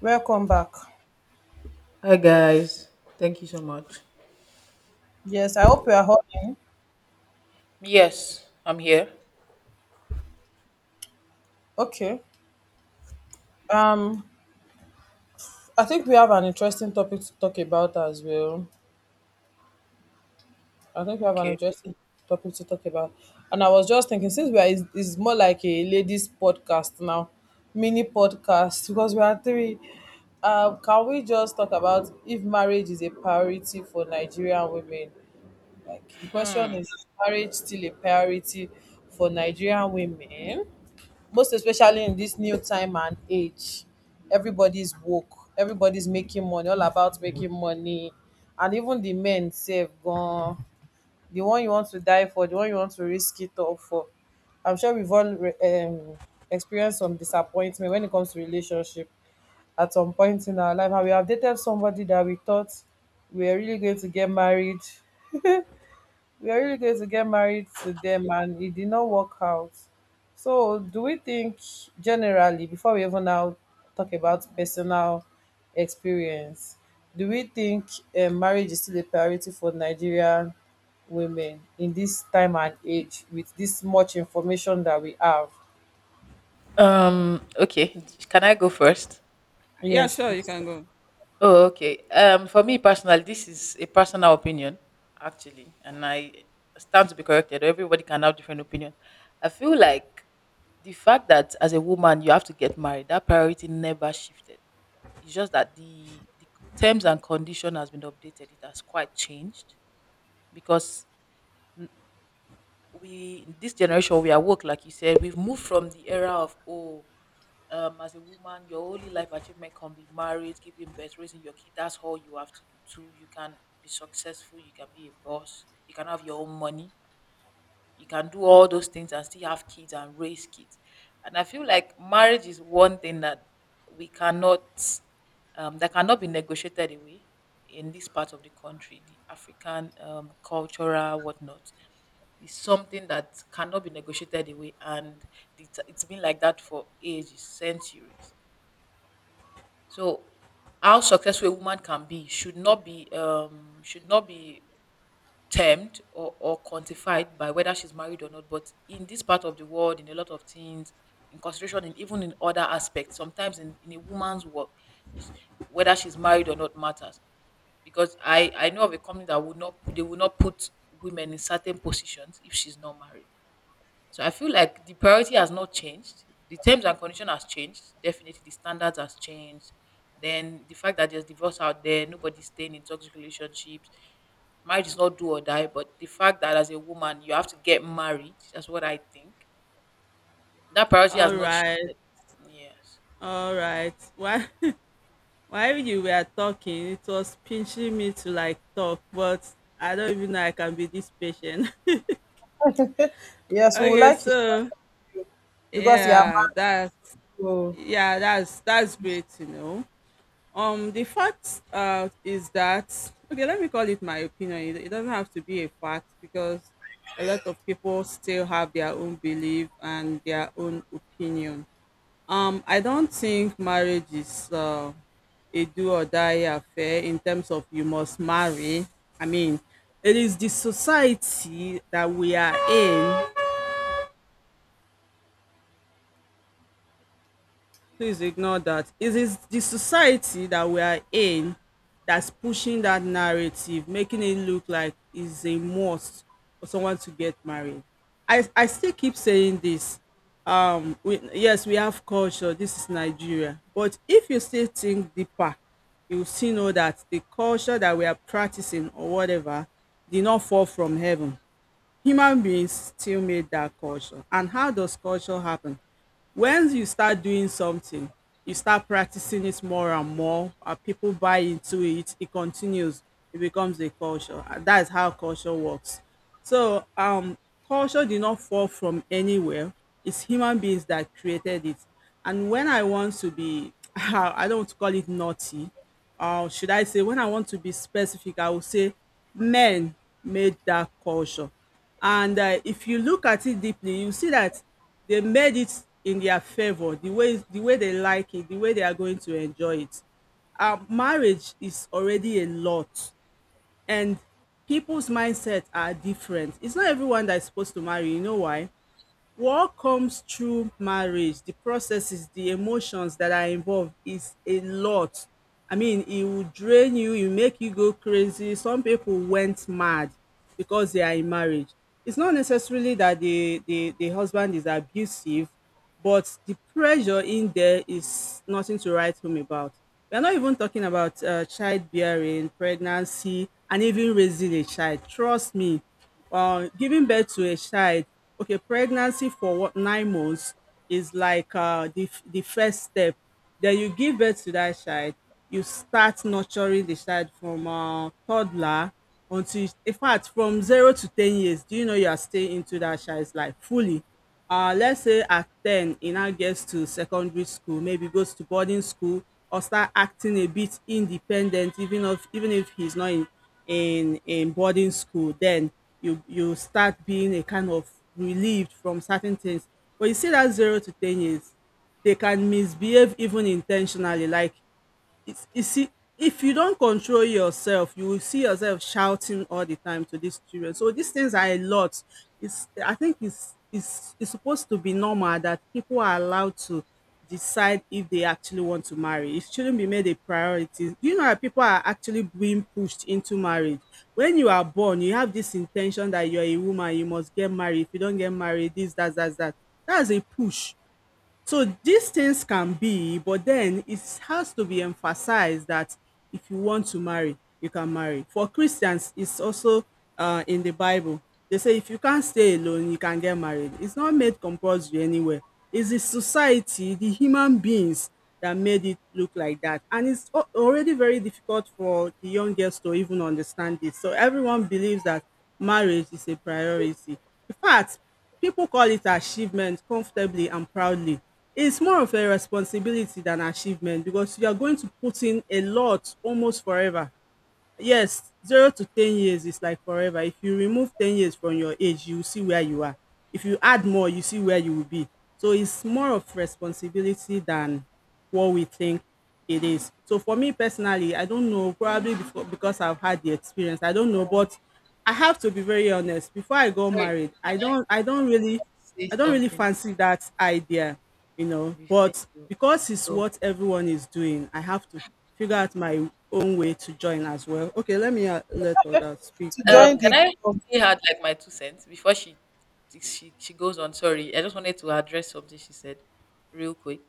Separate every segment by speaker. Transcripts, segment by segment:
Speaker 1: Welcome back.
Speaker 2: Hi guys, thank you so much.
Speaker 1: Yes, I hope you are holding.
Speaker 2: Yes, I'm here.
Speaker 1: Okay. Um, I think we have an interesting topic to talk about as well. I think we have an
Speaker 2: Okay.
Speaker 1: interesting topic to talk about. And I was just thinking, since we are, it's more like a ladies' podcast now, mini podcast, because we are three. Can we just talk about if marriage is a priority for Nigerian women? Like the question
Speaker 2: Hmm.
Speaker 1: is marriage still a priority for Nigerian women, most especially in this new time and age? Everybody's woke, everybody's making money, all about making money. And even the men sef gone. The one you want to die for, the one you want to risk it all for. I'm sure we've all re- um, Experienced some disappointment when it comes to relationship at some point in our life, and we have dated somebody that we thought we were really going to get married we are really going to get married to them, and it did not work out. So do we think, generally, before we even now talk about personal experience, do we think marriage is still a priority for Nigerian women in this time and age with this much information that we have?
Speaker 2: Okay, can I go first?
Speaker 3: Yeah,
Speaker 1: Yes,
Speaker 3: sure, you
Speaker 1: please.
Speaker 3: can go.
Speaker 2: Oh, okay. For me personally, this is a personal opinion, actually, and I stand to be corrected. Everybody can have different opinion. I feel like the fact that as a woman you have to get married, that priority never shifted. It's just that the terms and condition has been updated. It has quite changed because we this generation we are woke like you said, we've moved from the era of oh, as a woman your only life achievement can be marriage, giving birth, raising your kid, that's all you have to do. Too, you can be successful, you can be a boss, you can have your own money, you can do all those things and still have kids and raise kids. And I feel like marriage is one thing that we cannot, that cannot be negotiated away in this part of the country. The African cultural whatnot is something that cannot be negotiated away, and it's been like that for ages, centuries. So how successful a woman can be should not be should not be termed or quantified by whether she's married or not. But in this part of the world, in a lot of things, in consideration, and even in other aspects, sometimes in, a woman's work, is- whether she's married or not matters. Because I know of a company that would not, they will not put women in certain positions if she's not married. So I feel like the priority has not changed. The terms and condition has changed. Definitely, the standards has changed. Then the fact that there's divorce out there, nobody's staying in toxic relationships. Marriage is not do or die, but the fact that as a woman you have to get married, that's what I think. That priority has
Speaker 3: All
Speaker 2: not
Speaker 3: right,
Speaker 2: shifted. Yes.
Speaker 3: all right. Why, while you were talking, it was pinching me to like talk, but I don't even know I can be this patient.
Speaker 1: Yes, we would
Speaker 3: okay,
Speaker 1: like you,
Speaker 3: so
Speaker 1: because you are
Speaker 3: yeah, that's
Speaker 1: married oh,
Speaker 3: yeah, that's that's great you know. The fact is that okay, let me call it my opinion. It doesn't have to be a fact because a lot of people still have their own belief and their own opinion. I don't think marriage is a do or die affair in terms of you must marry. I mean, it is the society that we are in, please ignore that, it is the society that we are in that's pushing that narrative, making it look like it's a must for someone to get married. I still keep saying this. Yes, we have culture, this is Nigeria, but if you still think deeper, you still know that the culture that we are practicing or whatever did not fall from heaven. Human beings still made that culture. And how does culture happen? Once you start doing something, you start practicing it more and more, people buy into it, it continues, it becomes a culture. And that is how culture works. So, culture did not fall from anywhere. It's human beings that created it. And when I want to be, I don't want to call it naughty, or should I say, when I want to be specific, I will say men made that culture. And if you look at it deeply, you see that they made it in their favor, the way they like it, the way they are going to enjoy it. Marriage is already a lot, and people's mindset are different. It's not everyone that's supposed to marry. You know why? What comes through marriage, the processes, the emotions that are involved is a lot. I mean, it will drain you, it will make you go crazy. Some people went mad because they are in marriage. It's not necessarily that the husband is abusive, but the pressure in there is nothing to write home about. We're not even talking about childbearing, pregnancy, and even raising a child. Trust me, giving birth to a child, okay, pregnancy for what, 9 months, is like the first step. Then you give birth to that child, you start nurturing the child from toddler until, in fact, from zero to 10 years. Do you know you are staying into that child's life fully? Let's say at 10, he now gets to secondary school, maybe goes to boarding school or start acting a bit independent, even if he's not in in boarding school, then you start being a kind of relieved from certain things. But you see that 0 to 10 years, they can misbehave even intentionally. Like, it's, you see, if you don't control yourself, you will see yourself shouting all the time to these children. So these things are a lot. It's, I think it's supposed to be normal that people are allowed to decide if they actually want to marry. It shouldn't be made a priority. Do you know that people are actually being pushed into marriage? When you are born, you have this intention that you're a woman, you must get married. If you don't get married, this, that, that, that. That's a push. So these things can be, but then it has to be emphasized that if you want to marry, you can marry. For Christians, it's also in the Bible. They say if you can't stay alone, you can get married. It's not made compulsory anywhere. It's the society, the human beings that made it look like that. And it's al- already very difficult for the young girls to even understand this. So everyone believes that marriage is a priority. In fact, people call it achievement comfortably and proudly. It's more of a responsibility than achievement because you are going to put in a lot almost forever. Yes, 0 to 10 years is like forever. If you remove 10 years from your age, you will see where you are. If you add more, you see where you will be. So it's more of responsibility than what we think it is. So for me personally, I don't know, probably before, because I've had the experience, I don't know, but I have to be very honest. Before I got
Speaker 2: Sorry,
Speaker 3: married,
Speaker 2: can
Speaker 3: I
Speaker 2: I
Speaker 3: don't I
Speaker 2: quickly
Speaker 3: don't really,
Speaker 2: say
Speaker 3: I don't really
Speaker 2: something
Speaker 3: fancy that idea, you know,
Speaker 2: before
Speaker 3: but
Speaker 2: you
Speaker 3: because it's
Speaker 2: go?
Speaker 3: what everyone is doing, I have to figure out my own way to join as well. Okay, let me let others speak.
Speaker 1: to
Speaker 3: Thank
Speaker 1: join
Speaker 3: you.
Speaker 2: Can
Speaker 1: the
Speaker 2: I
Speaker 1: group.
Speaker 2: quickly add like my two cents before she goes on? Sorry, I just wanted to address something she said real quick.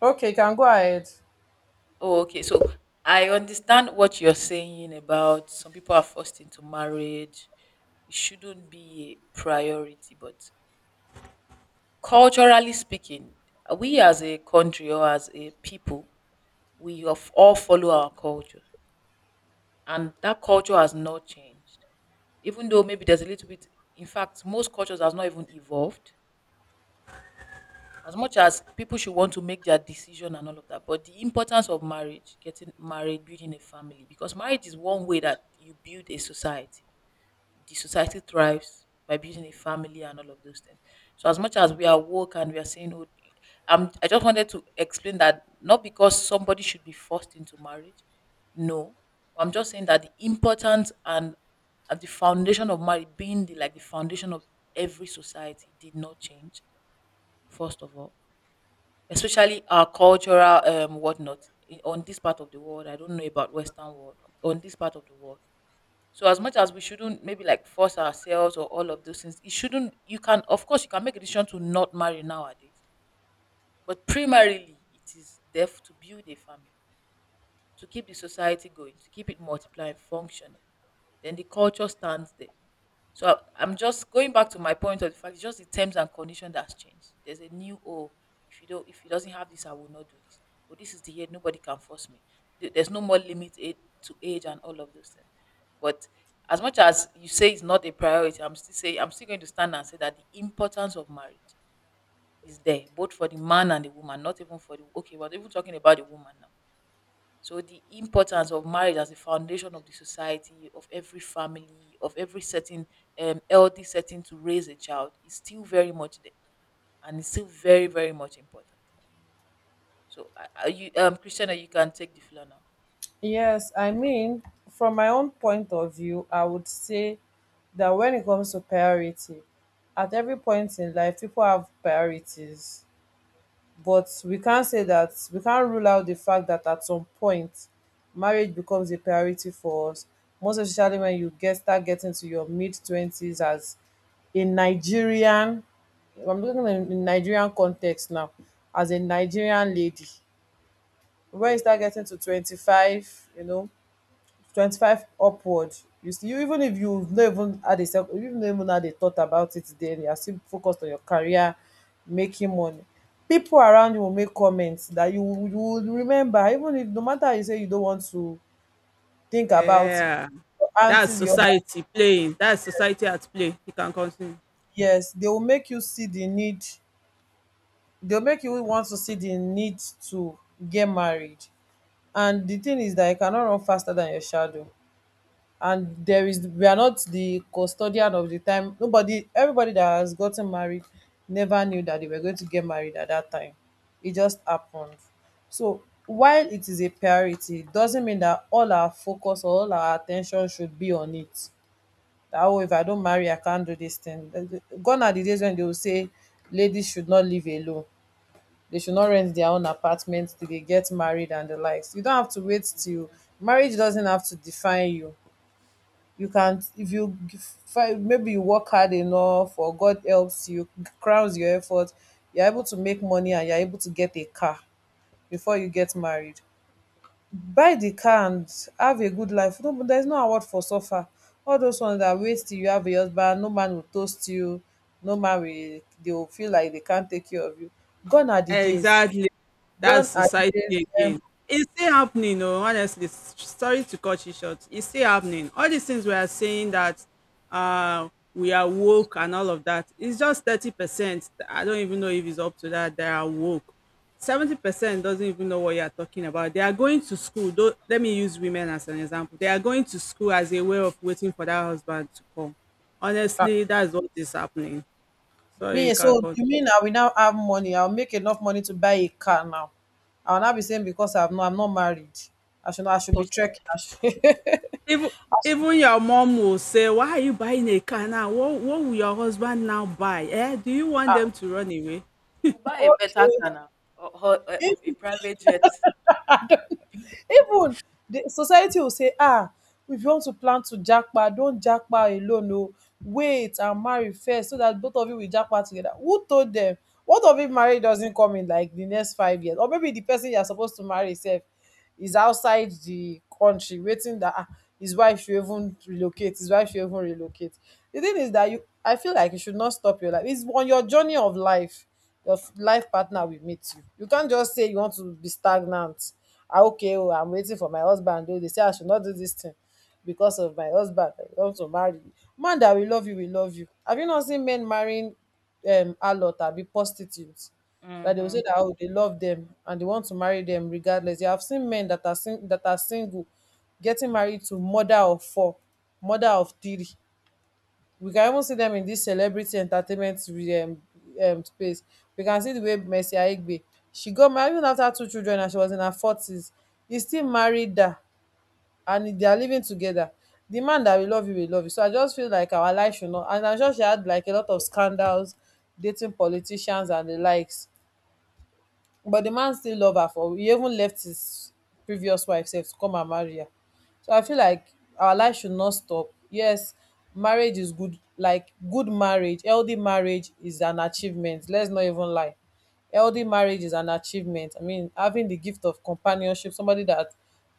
Speaker 1: Okay, you can go ahead.
Speaker 2: Oh, okay. So I understand what you're saying about some people are forced into marriage. It shouldn't be a priority, but culturally speaking, we as a country or as a people, we of all follow our culture, and that culture has not changed. Even though maybe there's a little bit, in fact, most cultures has not even evolved as much as people should want to make their decision and all of that, but the importance of marriage, getting married, building a family, because marriage is one way that you build a society. The society thrives by building a family and all of those things. So as much as we are woke and we are saying, oh, I just wanted to explain that not because somebody should be forced into marriage. No, I'm just saying that the importance and the foundation of marriage being the, like the foundation of every society did not change, first of all, especially our cultural whatnot, on this part of the world. I don't know about Western world, on this part of the world. So as much as we shouldn't maybe like force ourselves or all of those things, it shouldn't. You can, of course you can make a decision to not marry nowadays, but primarily it is there to build a family, to keep the society going, to keep it multiplying, functioning. Then the culture stands there. So I'm just going back to my point of the fact it's just the terms and condition that's changed. There's a new, oh, if you don't, if it doesn't have this, I will not do this. But this is the year, nobody can force me. There's no more limit to age and all of those things. But as much as you say it's not a priority, I'm still saying, I'm still going to stand and say that the importance of marriage is there, both for the man and the woman, not even for the okay, we're not even talking about the woman now. So the importance of marriage as the foundation of the society, of every family, of every certain healthy setting to raise a child is still very much there, and it's still very very much important. So are you, Christiana, you can take the floor now.
Speaker 1: Yes, I mean, from my own point of view, I would say that when it comes to priority, at every point in life, people have priorities. But we can't say that, we can't rule out the fact that at some point, marriage becomes a priority for us. Most especially when you get start getting to your mid 20s as a Nigerian. I'm looking in Nigerian context now, as a Nigerian lady, when you start getting to 25, you know, 25 upward, you still you, even if you have not even had a you not even had a thought about it, then you are still focused on your career, making money. People around you will make comments that you will remember, even if no matter how you say you don't want to think about it,
Speaker 3: Yeah,
Speaker 1: your
Speaker 3: that's
Speaker 1: aunties, your,
Speaker 3: society playing. That's society at play. You can continue.
Speaker 1: yes, they will make you see the need. They'll make you want to see the need to get married. And the thing is that you cannot run faster than your shadow. And there is, we are not the custodian of the time. Nobody, everybody that has gotten married never knew that they were going to get married at that time. It just happened. So while it is a priority, it doesn't mean that all our focus or all our attention should be on it, that oh, if I don't marry, I can't do this thing. Gone are the days when they will say ladies should not live alone, they should not rent their own apartment till they get married and the likes. You don't have to wait till,
Speaker 2: Mm.
Speaker 1: marriage doesn't have to define you. You can, if you maybe you work hard enough, or God helps you, crowns your effort, you're able to make money and you're able to get a car before you get married, buy the car and have a good life. No, but there's no award for suffer, all those ones that wait till you have a husband. No man will toast you, no man will, they will feel like they can't take care of you. Gone are the days,
Speaker 3: Exactly.
Speaker 1: gone
Speaker 3: That's
Speaker 1: are the days
Speaker 3: society
Speaker 1: when,
Speaker 3: again. It's still happening, oh, honestly. S- Sorry to cut you short. It's still happening. All these things we are saying that uh we are woke and all of that. It's just 30%. I don't even know if it's up to that. They are woke. 70% doesn't even know what you are talking about. They are going to school. Though let me use women as an example. They are going to school as a way of waiting for that husband to come.
Speaker 1: ah,
Speaker 3: Honestly, that's what is happening. Sorry,
Speaker 1: me,
Speaker 3: you can't.
Speaker 1: so you mean I will now have money, I'll make enough money to buy a car now, I'll not be saying because I've no, I'm not married, I should not, I
Speaker 2: Not
Speaker 1: should be
Speaker 2: possible.
Speaker 1: trekking, I should, I
Speaker 3: Even,
Speaker 1: should,
Speaker 3: even your mom will say, "Why are you buying a car now? What will your husband now buy? Eh? Do you want them to run away?"
Speaker 2: You buy a better
Speaker 1: okay.
Speaker 2: car now or, or, or a private jet.
Speaker 1: Even the society will say, "Ah, if you want to plan to japa, don't japa alone. No, wait and marry first so that both of you will japa together." Who told them? What of if marriage doesn't come in like the next 5 years? Or maybe the person you are supposed to marry sef is outside the country, waiting that ah, his wife should even relocate, his wife should even relocate. The thing is that you, I feel like you should not stop your life. It's on your journey of life, your life partner will meet you. You can't just say you want to be stagnant. Ah, okay, oh, I'm waiting for my husband. Oh, they say I should not do this thing because of my husband. I want to marry you. Man that will love you will love you. Have you not seen men marrying um, harlot abi prostitute that they will
Speaker 2: Mm-hmm.
Speaker 1: say that oh, they love them and they want to marry them regardless. You have seen men that are single getting married to mother of 4, mother of 3. We can even see them in this celebrity entertainment space. We can see the way Mercy Aigbe, she got married even after 2 children and she was in her 40s. He still married her and they are living together. The man that will love you will love you. So I just feel like our life should not. And I'm sure she had like a lot of scandals dating politicians and the likes. But the man still love her, for he even left his previous wife sef to come and marry her. So I feel like our life should not stop. Yes, marriage is good, like good marriage, healthy marriage is an achievement. Let's not even lie. Healthy marriage is an achievement. I mean, having the gift of companionship, somebody that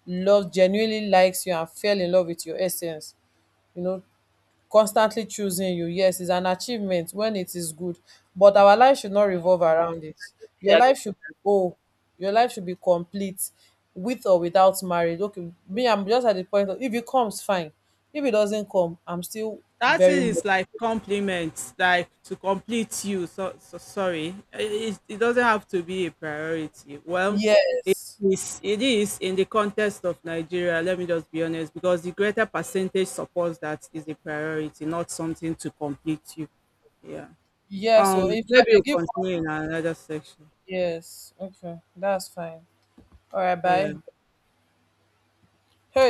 Speaker 1: loves, genuinely likes you and fell in love with your essence. You know, constantly choosing you, yes, is an achievement when it is good. But our life should not revolve around
Speaker 2: Mm-hmm.
Speaker 1: it. Your life should, oh, your life should be complete with or without marriage. Okay, me, I'm just at the point of, if it comes fine, if it doesn't come, I'm still
Speaker 3: That
Speaker 1: very
Speaker 3: thing
Speaker 1: much,
Speaker 3: is like compliments, like to complete you. So, so sorry, eh, it doesn't have to be a priority. Well,
Speaker 1: yes.
Speaker 3: it is in the context of Nigeria. Let me just be honest, because the greater percentage supports that is a priority, not something to complete you. Yeah.
Speaker 1: Yes, so if
Speaker 3: Maybe
Speaker 1: they
Speaker 3: we'll
Speaker 1: give,
Speaker 3: continue in another section.
Speaker 1: yes, okay, that's fine. All right,
Speaker 3: Yeah.
Speaker 1: bye. Hey.